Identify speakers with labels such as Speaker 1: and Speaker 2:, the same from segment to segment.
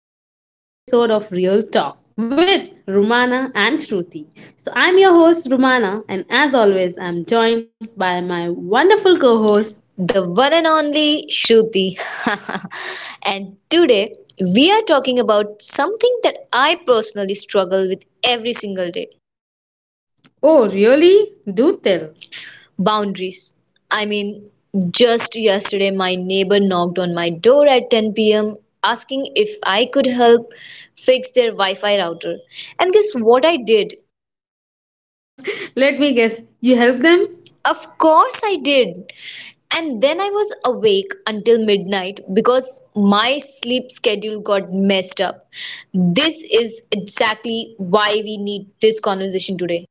Speaker 1: back to another episode of Real Talk with Rumana and Shruti. So, I'm your host, Rumana, and as always, I'm joined by my wonderful co host.
Speaker 2: The one and only Shruti. And today we are talking about something that I personally struggle with every single day.
Speaker 1: Oh, really? Do tell.
Speaker 2: Boundaries. I mean, just yesterday, my neighbor knocked on my door at 10 p.m. asking if I could help fix their Wi Fi router. And guess what I did?
Speaker 1: Let me guess, you help them?
Speaker 2: Of course I did. And then I was awake until midnight because my sleep schedule got messed up. This is exactly why we need this conversation today.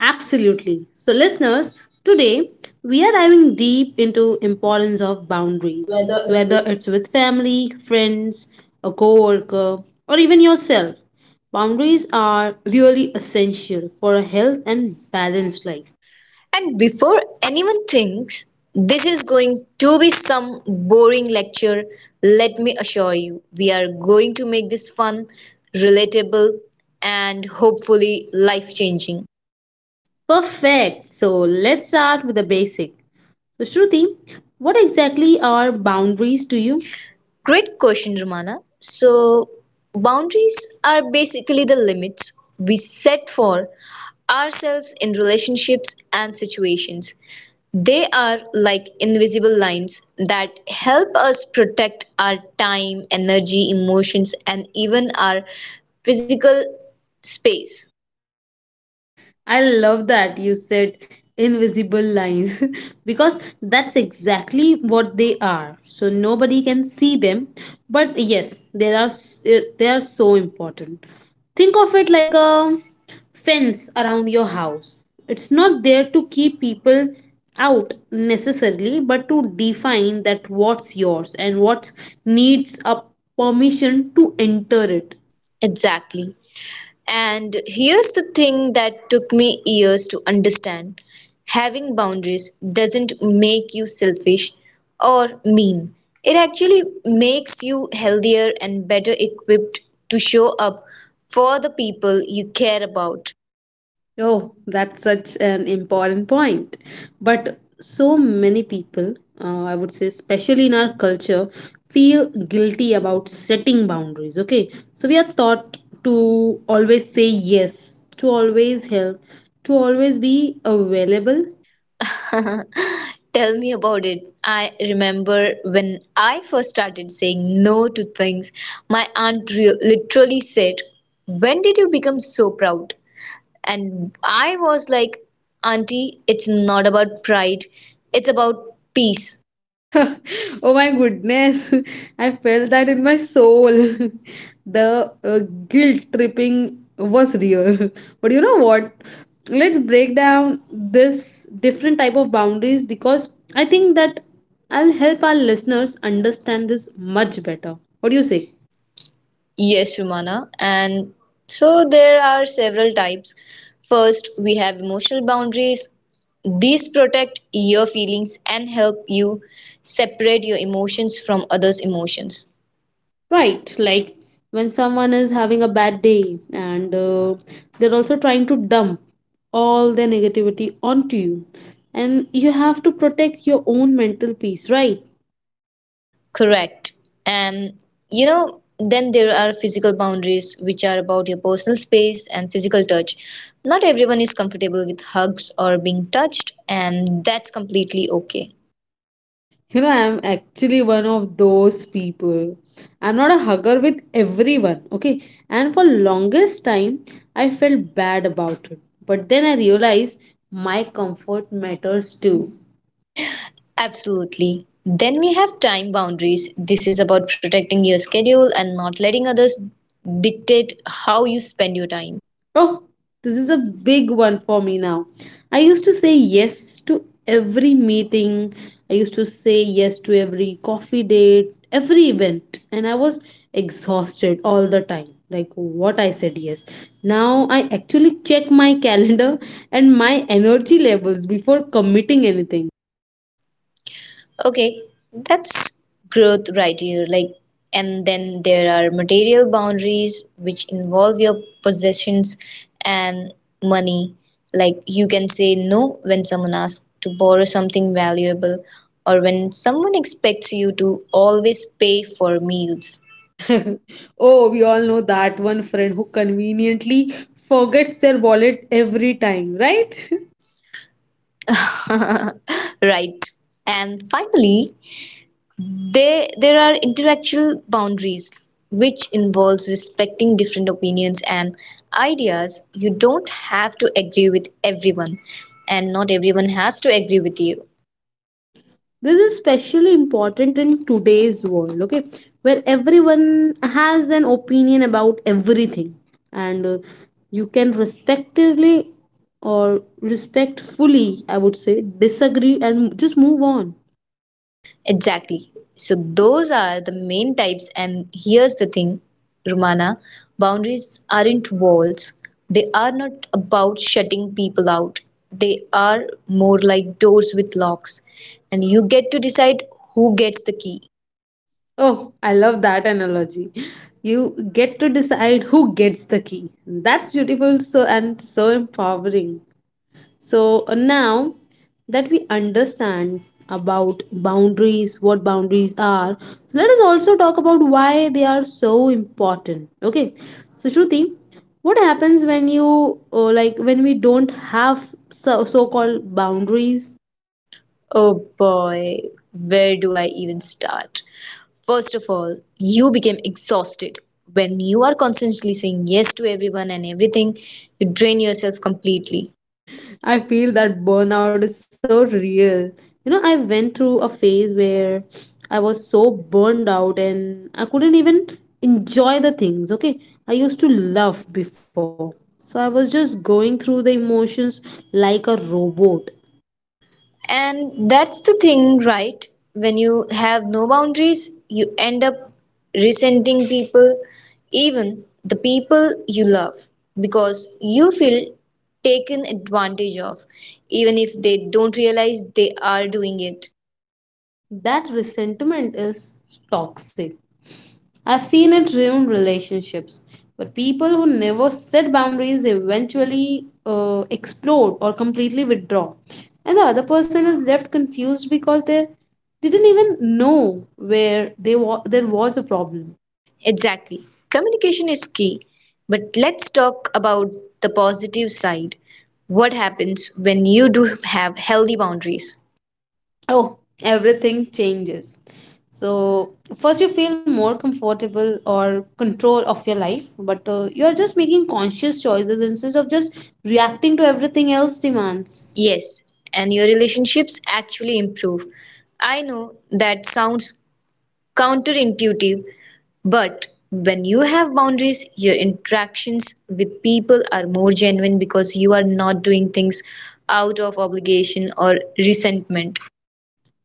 Speaker 1: Absolutely. So listeners, today we are diving deep into importance of boundaries,
Speaker 2: Whether it's
Speaker 1: whether
Speaker 2: with.
Speaker 1: it's with family, friends, a coworker, or even yourself. Boundaries are really essential for a health and balanced life.
Speaker 2: And before anyone thinks this is going to be some boring lecture, let me assure you, we are going to make this fun, relatable, and hopefully life changing.
Speaker 1: Perfect. So let's start with the basic. So Shruti, what exactly are boundaries to you?
Speaker 2: Great question, Romana. So, boundaries are basically the limits we set for ourselves in relationships and situations. They are like invisible lines that help us protect our time, energy, emotions, and even our physical space.
Speaker 1: I love that you said invisible lines because that's exactly what they are. So nobody can see them, but yes, they are so important. Think of it like a fence around your house. It's not there to keep people out necessarily, but to define that what's yours and what needs a permission to enter it.
Speaker 2: Exactly. And here's the thing that took me years to understand, having boundaries doesn't make you selfish or mean. It actually makes you healthier and better equipped to show up for the people you care about.
Speaker 1: Oh, that's such an important point. But so many people, I would say, especially in our culture, feel guilty about setting boundaries. Okay, so we are taught to always say yes, to always help, to always be available.
Speaker 2: Tell me about it. I remember when I first started saying no to things, my literally said, "When did you become so proud?" And I was like, "Auntie, it's not about pride, it's about peace."
Speaker 1: Oh my goodness, I felt that in my soul. The guilt tripping was real. But you know what? Let's break down this different type of boundaries because I think that I'll help our listeners understand this much better. What do you say?
Speaker 2: Yes, Rumana. And so there are several types. First, we have emotional boundaries. These protect your feelings and help you separate your emotions from others' emotions.
Speaker 1: Right, like when someone is having a bad day and they're also trying to dump all their negativity onto you, and you have to protect your own mental peace, right?
Speaker 2: Correct. And you know, then there are physical boundaries, which are about your personal space and physical touch. Not everyone is comfortable with hugs or being touched, and that's completely okay.
Speaker 1: You know, I'm actually one of those people. I'm not a hugger with everyone, okay? And for longest time, I felt bad about it. But then I realized my comfort matters too.
Speaker 2: Absolutely. Then we have time boundaries. This is about protecting your schedule and not letting others dictate how you spend your time.
Speaker 1: Oh, this is a big one for me now. I used to say yes to every meeting. I used to say yes to every coffee date, every event, and I was exhausted all the time. Like what I said yes. Now I actually check my calendar and my energy levels before committing anything.
Speaker 2: Okay, that's growth right here. Like, and then there are material boundaries which involve your possessions and money. Like, you can say no when someone asks to borrow something valuable, or when someone expects you to always pay for meals.
Speaker 1: Oh, we all know that one friend who conveniently forgets their wallet every time, right?
Speaker 2: Right. And finally, there are intellectual boundaries, which involves respecting different opinions and ideas. You don't have to agree with everyone, and not everyone has to agree with you.
Speaker 1: This is especially important in today's world, okay, where everyone has an opinion about everything, and you can respectively or respectfully, I would say, disagree and just move on.
Speaker 2: Exactly. So, those are the main types. And here's the thing, Romana, boundaries aren't walls, they are not about shutting people out. They are more like doors with locks, and you get to decide who gets the key.
Speaker 1: Oh, I love that analogy. You get to decide who gets the key. That's beautiful, so and so empowering. So now that we understand about boundaries, what boundaries are, so let us also talk about why they are so important. Okay, so Shruti, what happens when you like when we don't have so called boundaries?
Speaker 2: Oh boy, where do I even start? First of all, you became exhausted. When you are constantly saying yes to everyone and everything, you drain yourself completely.
Speaker 1: I feel that burnout is so real. You know, I went through a phase where I was so burned out and I couldn't even enjoy the things, okay? I used to love before. So I was just going through the emotions like a robot.
Speaker 2: And that's the thing, right? When you have no boundaries, you end up resenting people, even the people you love, because you feel taken advantage of, even if they don't realize they are doing it.
Speaker 1: That resentment is toxic. I've seen it ruin relationships. But people who never set boundaries eventually explode or completely withdraw. And the other person is left confused because they didn't even know where they wa- there was a problem.
Speaker 2: Exactly. Communication is key, but let's talk about the positive side. What happens when you do have healthy boundaries?
Speaker 1: Oh, everything changes. So, first you feel more comfortable or control of your life, but you are just making conscious choices instead of just reacting to everything else demands.
Speaker 2: Yes, and your relationships actually improve. I know that sounds counterintuitive, but when you have boundaries, your interactions with people are more genuine because you are not doing things out of obligation or resentment.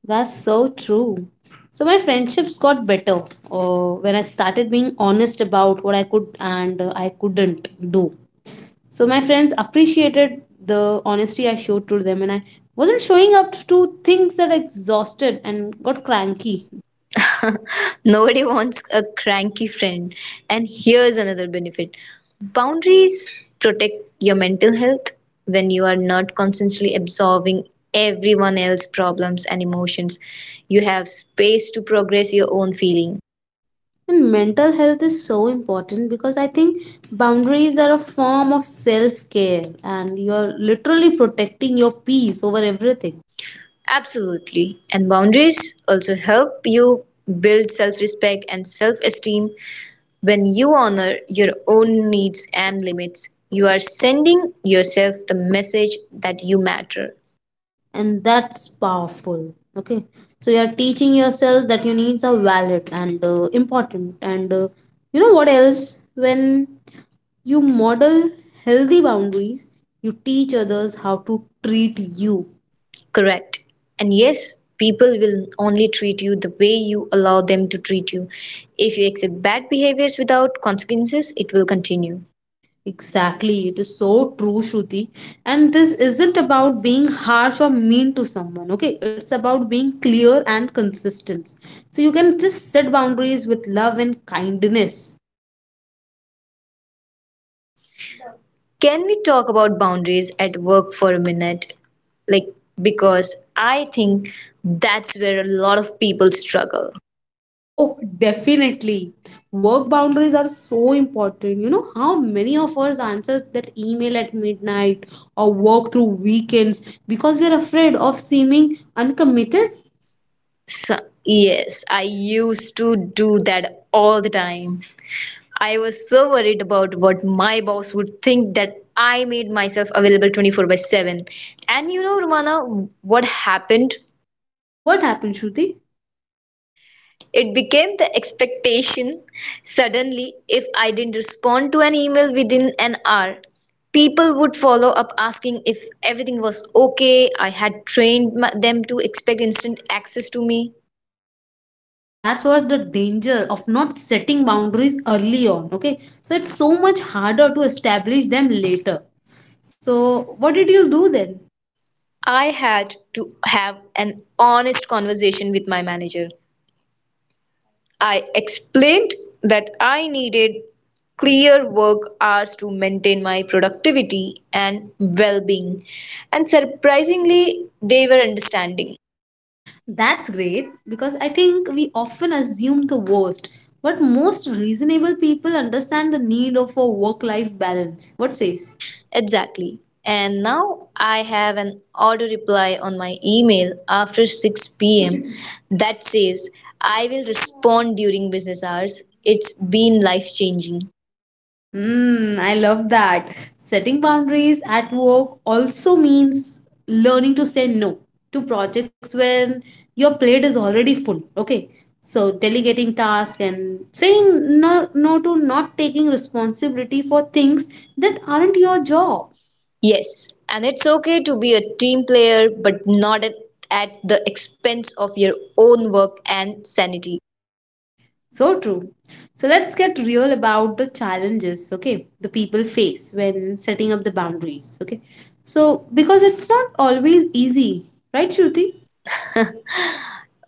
Speaker 1: That's so true. So my friendships got better when I started being honest about what I could and I couldn't do. So my friends appreciated the honesty I showed to them, and I wasn't showing up to things that exhausted and got cranky.
Speaker 2: Nobody wants a cranky friend. And here's another benefit, boundaries protect your mental health when you are not constantly absorbing everyone else's problems and emotions. You have space to progress your own feeling.
Speaker 1: And mental health is so important because I think boundaries are a form of self care, and you're literally protecting your peace over everything.
Speaker 2: Absolutely. And boundaries also help you build self respect and self esteem. When you honor your own needs and limits, you are sending yourself the message that you matter.
Speaker 1: And that's powerful, okay? So you're teaching yourself that your needs are valid and important, and you know what else, when you model healthy boundaries, you teach others how to treat you.
Speaker 2: Correct. And yes, people will only treat you the way you allow them to treat you. If you accept bad behaviors without consequences, it will continue.
Speaker 1: Exactly, it is so true, Shruti. And this isn't about being harsh or mean to someone, okay? It's about being clear and consistent, so you can just set boundaries with love and kindness.
Speaker 2: Can we talk about boundaries at work for a minute? Like, because I think that's where a lot of people struggle.
Speaker 1: Oh, definitely. Work boundaries are so important. You know how many of us answer that email at midnight or work through weekends because we are afraid of seeming uncommitted?
Speaker 2: So, yes, I used to do that all the time. I was so worried about what my boss would think that I made myself available 24 by 7. And you know, Romana, what happened?
Speaker 1: What happened, Shruti?
Speaker 2: It became the expectation. Suddenly, if I didn't respond to an email within an hour, people would follow up asking if everything was okay. I had trained them to expect instant access to me.
Speaker 1: So that's what the danger of not setting boundaries early on. Okay, so it's so much harder to establish them later. So, what did you do then?
Speaker 2: I had to have an honest conversation with my manager. I explained that I needed clear work hours to maintain my productivity and well being, and surprisingly, they were understanding.
Speaker 1: That's great because I think we often assume the worst, but most reasonable people understand the need of a work life balance. What says?
Speaker 2: Exactly. And now I have an auto reply on my email after 6 p.m. that says I will respond during business hours. It's been life changing.
Speaker 1: Mm, I love that. Setting boundaries at work also means learning to say no to projects when your plate is already full. Okay. So delegating tasks and saying no to not taking responsibility for things that aren't your job.
Speaker 2: Yes, and it's okay to be a team player, but not at the expense of your own work and sanity.
Speaker 1: So true. So let's get real about the challenges, okay, the people face when setting up the boundaries, okay. So, because it's not always easy, right, Shruti?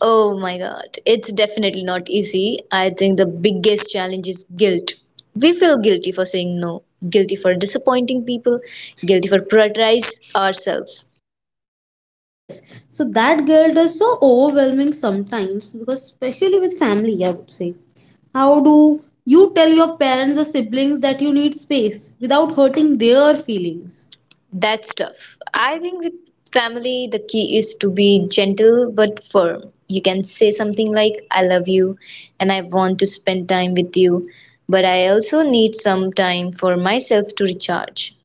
Speaker 2: Oh my god, it's definitely not easy. I think the biggest challenge is guilt. We feel guilty for saying no, guilty for disappointing people, guilty for prioritize ourselves.
Speaker 1: Yes. So, that guilt is so overwhelming sometimes because, especially with family, I would say. How do you tell your parents or siblings that you need space without hurting their feelings?
Speaker 2: That's tough. I think with family, the key is to be gentle but firm. You can say something like, "I love you and I want to spend time with you, but I also need some time for myself to recharge."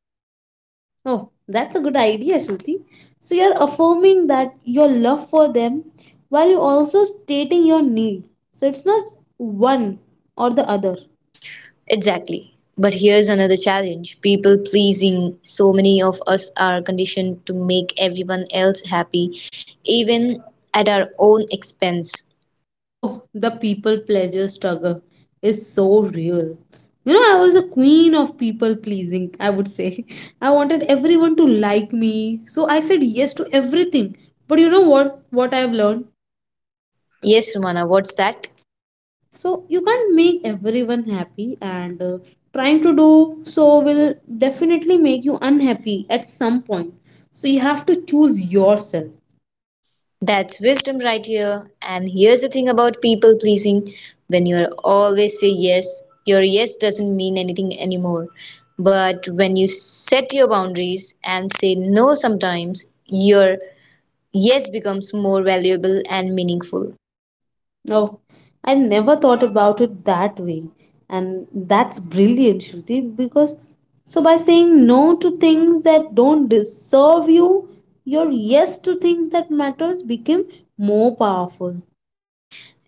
Speaker 1: Oh, that's a good idea, Shruti. So you're affirming that your love for them while you're also stating your need. So it's not one or the other.
Speaker 2: Exactly. But here's another challenge, people pleasing. So many of us are conditioned to make everyone else happy, even at our own expense.
Speaker 1: Oh, the people pleasure struggle is so real. You know, I was a queen of people pleasing, I would say. I wanted everyone to like me, so I said yes to everything. But you know what? What I've learned?
Speaker 2: Yes, Romana, what's that?
Speaker 1: So you can't make everyone happy, and trying to do so will definitely make you unhappy at some point, so you have to choose yourself.
Speaker 2: That's wisdom right here. And here's the thing about people pleasing, when you always say yes, your yes doesn't mean anything anymore. But when you set your boundaries and say no sometimes, your yes becomes more valuable and meaningful.
Speaker 1: Oh, I never thought about it that way, and that's brilliant, Shruti, because so by saying no to things that don't deserve you, your yes to things that matters became more powerful.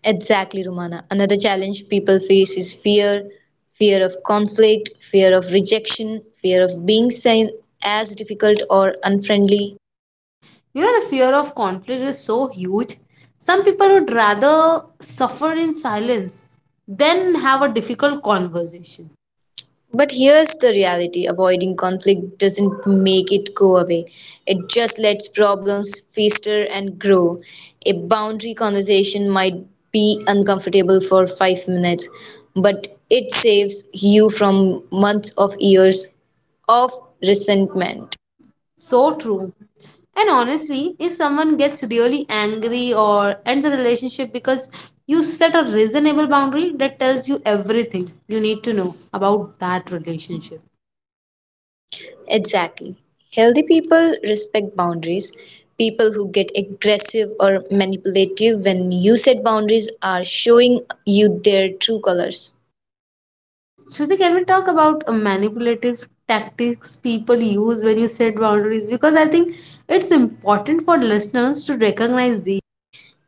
Speaker 2: Exactly, Romana. Another challenge people face is fear, fear of conflict, fear of rejection, fear of being seen as difficult or unfriendly.
Speaker 1: You know, the fear of conflict is so huge. Some people would rather suffer in silence than have a difficult conversation.
Speaker 2: But here's the reality, avoiding conflict doesn't make it go away, it just lets problems fester and grow. A boundary conversation might be uncomfortable for 5 minutes, but it saves you from months of years of resentment.
Speaker 1: So true. And honestly, if someone gets really angry or ends a relationship because you set a reasonable boundary, that tells you everything you need to know about that relationship.
Speaker 2: Exactly. Healthy people respect boundaries. People who get aggressive or manipulative when you set boundaries are showing you their true colors.
Speaker 1: Shruti, can we talk about manipulative tactics people use when you set boundaries? Because I think it's important for listeners to recognize these.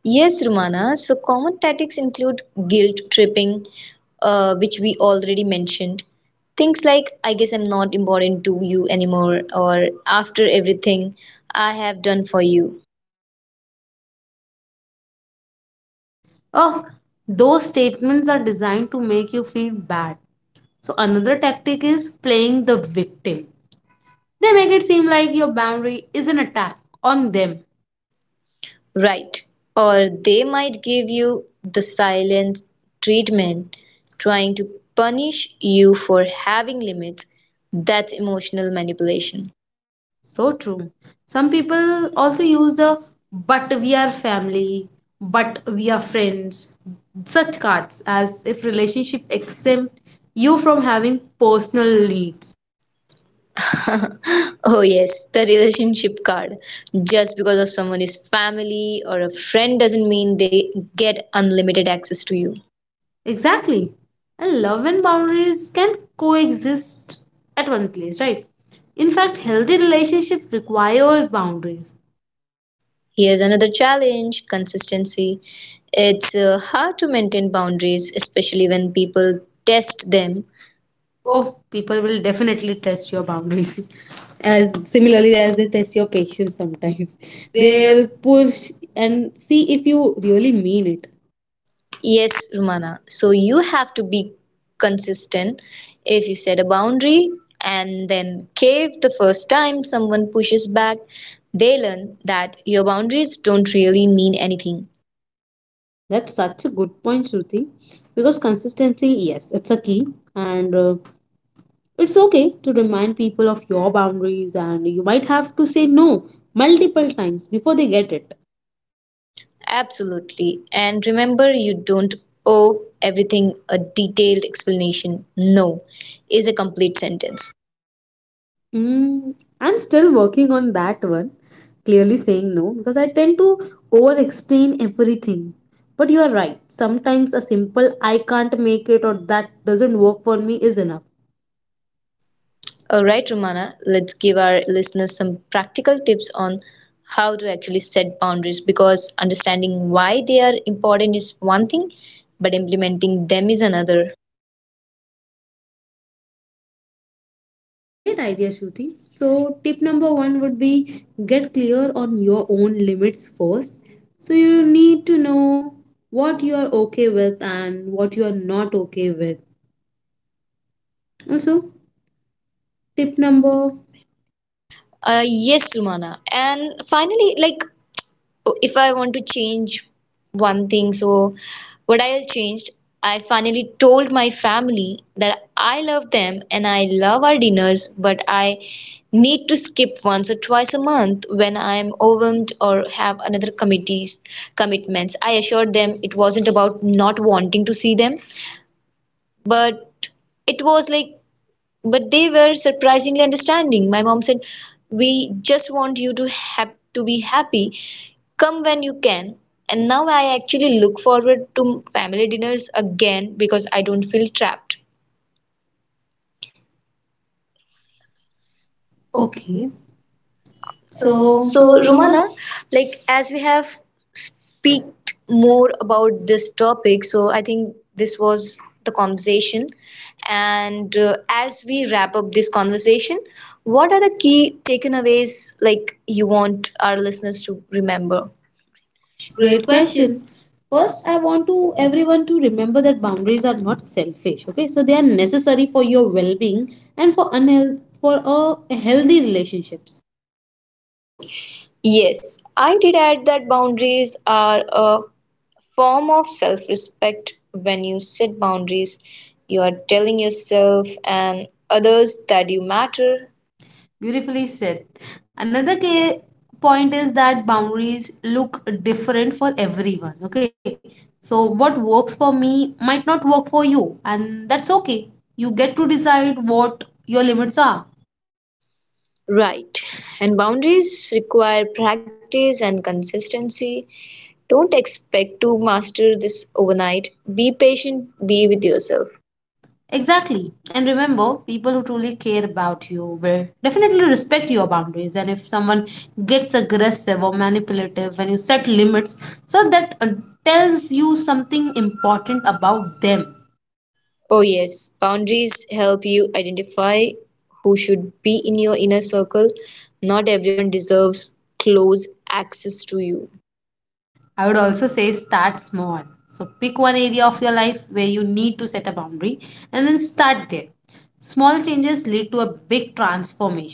Speaker 2: Yes, Rumana. So, common tactics include guilt tripping, which we already mentioned. Things like, "I guess I'm not important to you anymore," or "after everything I have done for you."
Speaker 1: Oh, those statements are designed to make you feel bad. So, another tactic is playing the victim. They make it seem like your boundary is an attack on them.
Speaker 2: Right. Or they might give you the silent treatment, trying to punish you for having limits. That's emotional manipulation.
Speaker 1: So true. Some people also use the "but we are family," "but we are friends," such cards as if relationship exempt you from having personal needs.
Speaker 2: Oh yes, the relationship card. Just because of someone is family or a friend doesn't mean they get unlimited access to you.
Speaker 1: Exactly. And love and boundaries can coexist at one place, right? In fact, healthy relationships require boundaries.
Speaker 2: Here's another challenge, consistency. It's hard to maintain boundaries especially when people test them.
Speaker 1: Oh, people will definitely test your boundaries. As similarly as they test your patience sometimes. They'll push and see if you really mean it.
Speaker 2: Yes, Rumana. So you have to be consistent. If you set a boundary and then cave the first time someone pushes back, they learn that your boundaries don't really mean anything.
Speaker 1: That's such a good point, Shruti. Because consistency, yes, it's a key. And It's okay to remind people of your boundaries, and you might have to say no multiple times before they get it.
Speaker 2: Absolutely. And remember, you don't owe everything a detailed explanation. No is a complete sentence.
Speaker 1: Mm, I'm still working on that one, clearly saying no because I tend to over explain everything. But you are right, sometimes a simple "I can't make it" or "that doesn't work for me" is enough.
Speaker 2: All right, Romana, let's give our listeners some practical tips on how to actually set boundaries because understanding why they are important is one thing, but implementing them is another.
Speaker 1: Great idea, Shruti. So, tip number one would be get clear on your own limits first. So, you need to know what you are okay with and what you are not okay with. Also, tip number
Speaker 2: Yes, Romana. And finally, like, oh, if I want to change one thing, so what I'll changed, I finally told my family that I love them and I love our dinners, but I need to skip once or twice a month when I'm overwhelmed or have another committees commitments. I assured them it wasn't about not wanting to see them, but it was like, but they were surprisingly understanding. My mom said, "We just want you to have to be happy. Come when you can." And now I actually look forward to family dinners again because I don't feel trapped. Okay.
Speaker 1: okay.
Speaker 2: So,
Speaker 1: So, so Ruman,
Speaker 2: Rumana, like as we have speaked more about this topic, so I think this was the conversation. And as we wrap up this conversation, what are the key takeaways like you want our listeners to remember? Great
Speaker 1: great
Speaker 2: question.
Speaker 1: question. First, I want to everyone to remember that boundaries are not selfish. Okay, so they are necessary for your well-being and for unhealth for a healthy relationships.
Speaker 2: Yes, I did add that boundaries are a form of self respect. When you set boundaries, you are telling yourself and others that you matter.
Speaker 1: Beautifully said. Another key point is that boundaries look different for everyone. Okay. So, what works for me might not work for you, and that's okay. You get to decide what your limits are.
Speaker 2: Right. And boundaries require practice and consistency. Don't expect to master this overnight. Be patient, be with yourself.
Speaker 1: Exactly. And remember, people who truly care about you will definitely respect your boundaries. And if someone gets aggressive or manipulative when you set limits, so that tells you something important about them.
Speaker 2: Oh, yes, boundaries help you identify who should be in your inner circle. Not everyone deserves close access to you.
Speaker 1: I would also say start small. So pick one area of your life where you need to set a boundary and then start there. Small changes lead to a big transformation.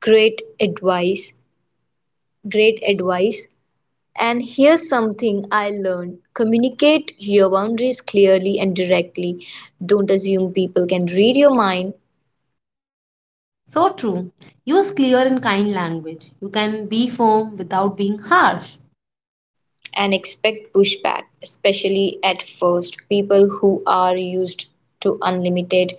Speaker 2: Great advice. Great advice. And here's something I learned, communicate your boundaries clearly and directly. Don't assume people can read your mind.
Speaker 1: So true. Use clear and kind language. You can be firm without being harsh.
Speaker 2: And expect pushback, especially at first. People who are used to unlimited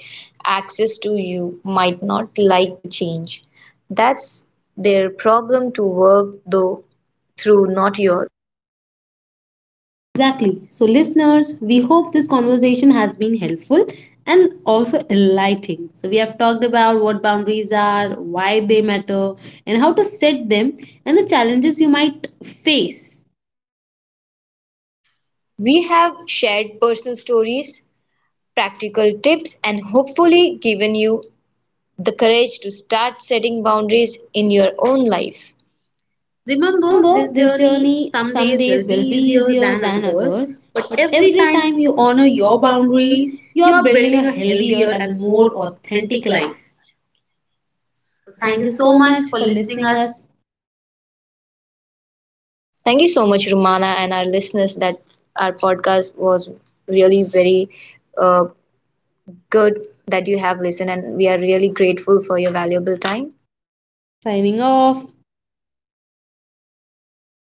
Speaker 2: access to you might not like the change. That's their problem to work though through, not yours.
Speaker 1: Exactly. So, listeners, we hope this conversation has been helpful and also enlightening. So, we have talked about what boundaries are, why they matter, and how to set them, and the challenges you might face.
Speaker 2: We have shared personal stories, practical tips, and hopefully given you the courage to start setting boundaries in your own life. Remember,
Speaker 1: Remember,
Speaker 2: this
Speaker 1: this
Speaker 2: journey
Speaker 1: journey
Speaker 2: some
Speaker 1: some
Speaker 2: days
Speaker 1: days
Speaker 2: will be
Speaker 1: will be
Speaker 2: easier
Speaker 1: easier
Speaker 2: than
Speaker 1: than
Speaker 2: others,
Speaker 1: others,
Speaker 2: but
Speaker 1: but
Speaker 2: every
Speaker 1: every
Speaker 2: time you
Speaker 1: time you
Speaker 2: honor
Speaker 1: honor
Speaker 2: your
Speaker 1: your
Speaker 2: boundaries,
Speaker 1: boundaries,
Speaker 2: you are
Speaker 1: you are
Speaker 2: building a
Speaker 1: building a
Speaker 2: healthier
Speaker 1: healthier
Speaker 2: and
Speaker 1: and
Speaker 2: more
Speaker 1: more
Speaker 2: authentic
Speaker 1: authentic
Speaker 2: life.
Speaker 1: life.
Speaker 2: So
Speaker 1: So
Speaker 2: thank you
Speaker 1: thank you
Speaker 2: so
Speaker 1: so
Speaker 2: much
Speaker 1: much
Speaker 2: for
Speaker 1: for
Speaker 2: listening
Speaker 1: listening
Speaker 2: us.
Speaker 1: us.
Speaker 2: Thank you so much, Rumana, and our listeners. That our podcast was really very uh, good that you have listened, and we are really grateful for your valuable time.
Speaker 1: Signing off.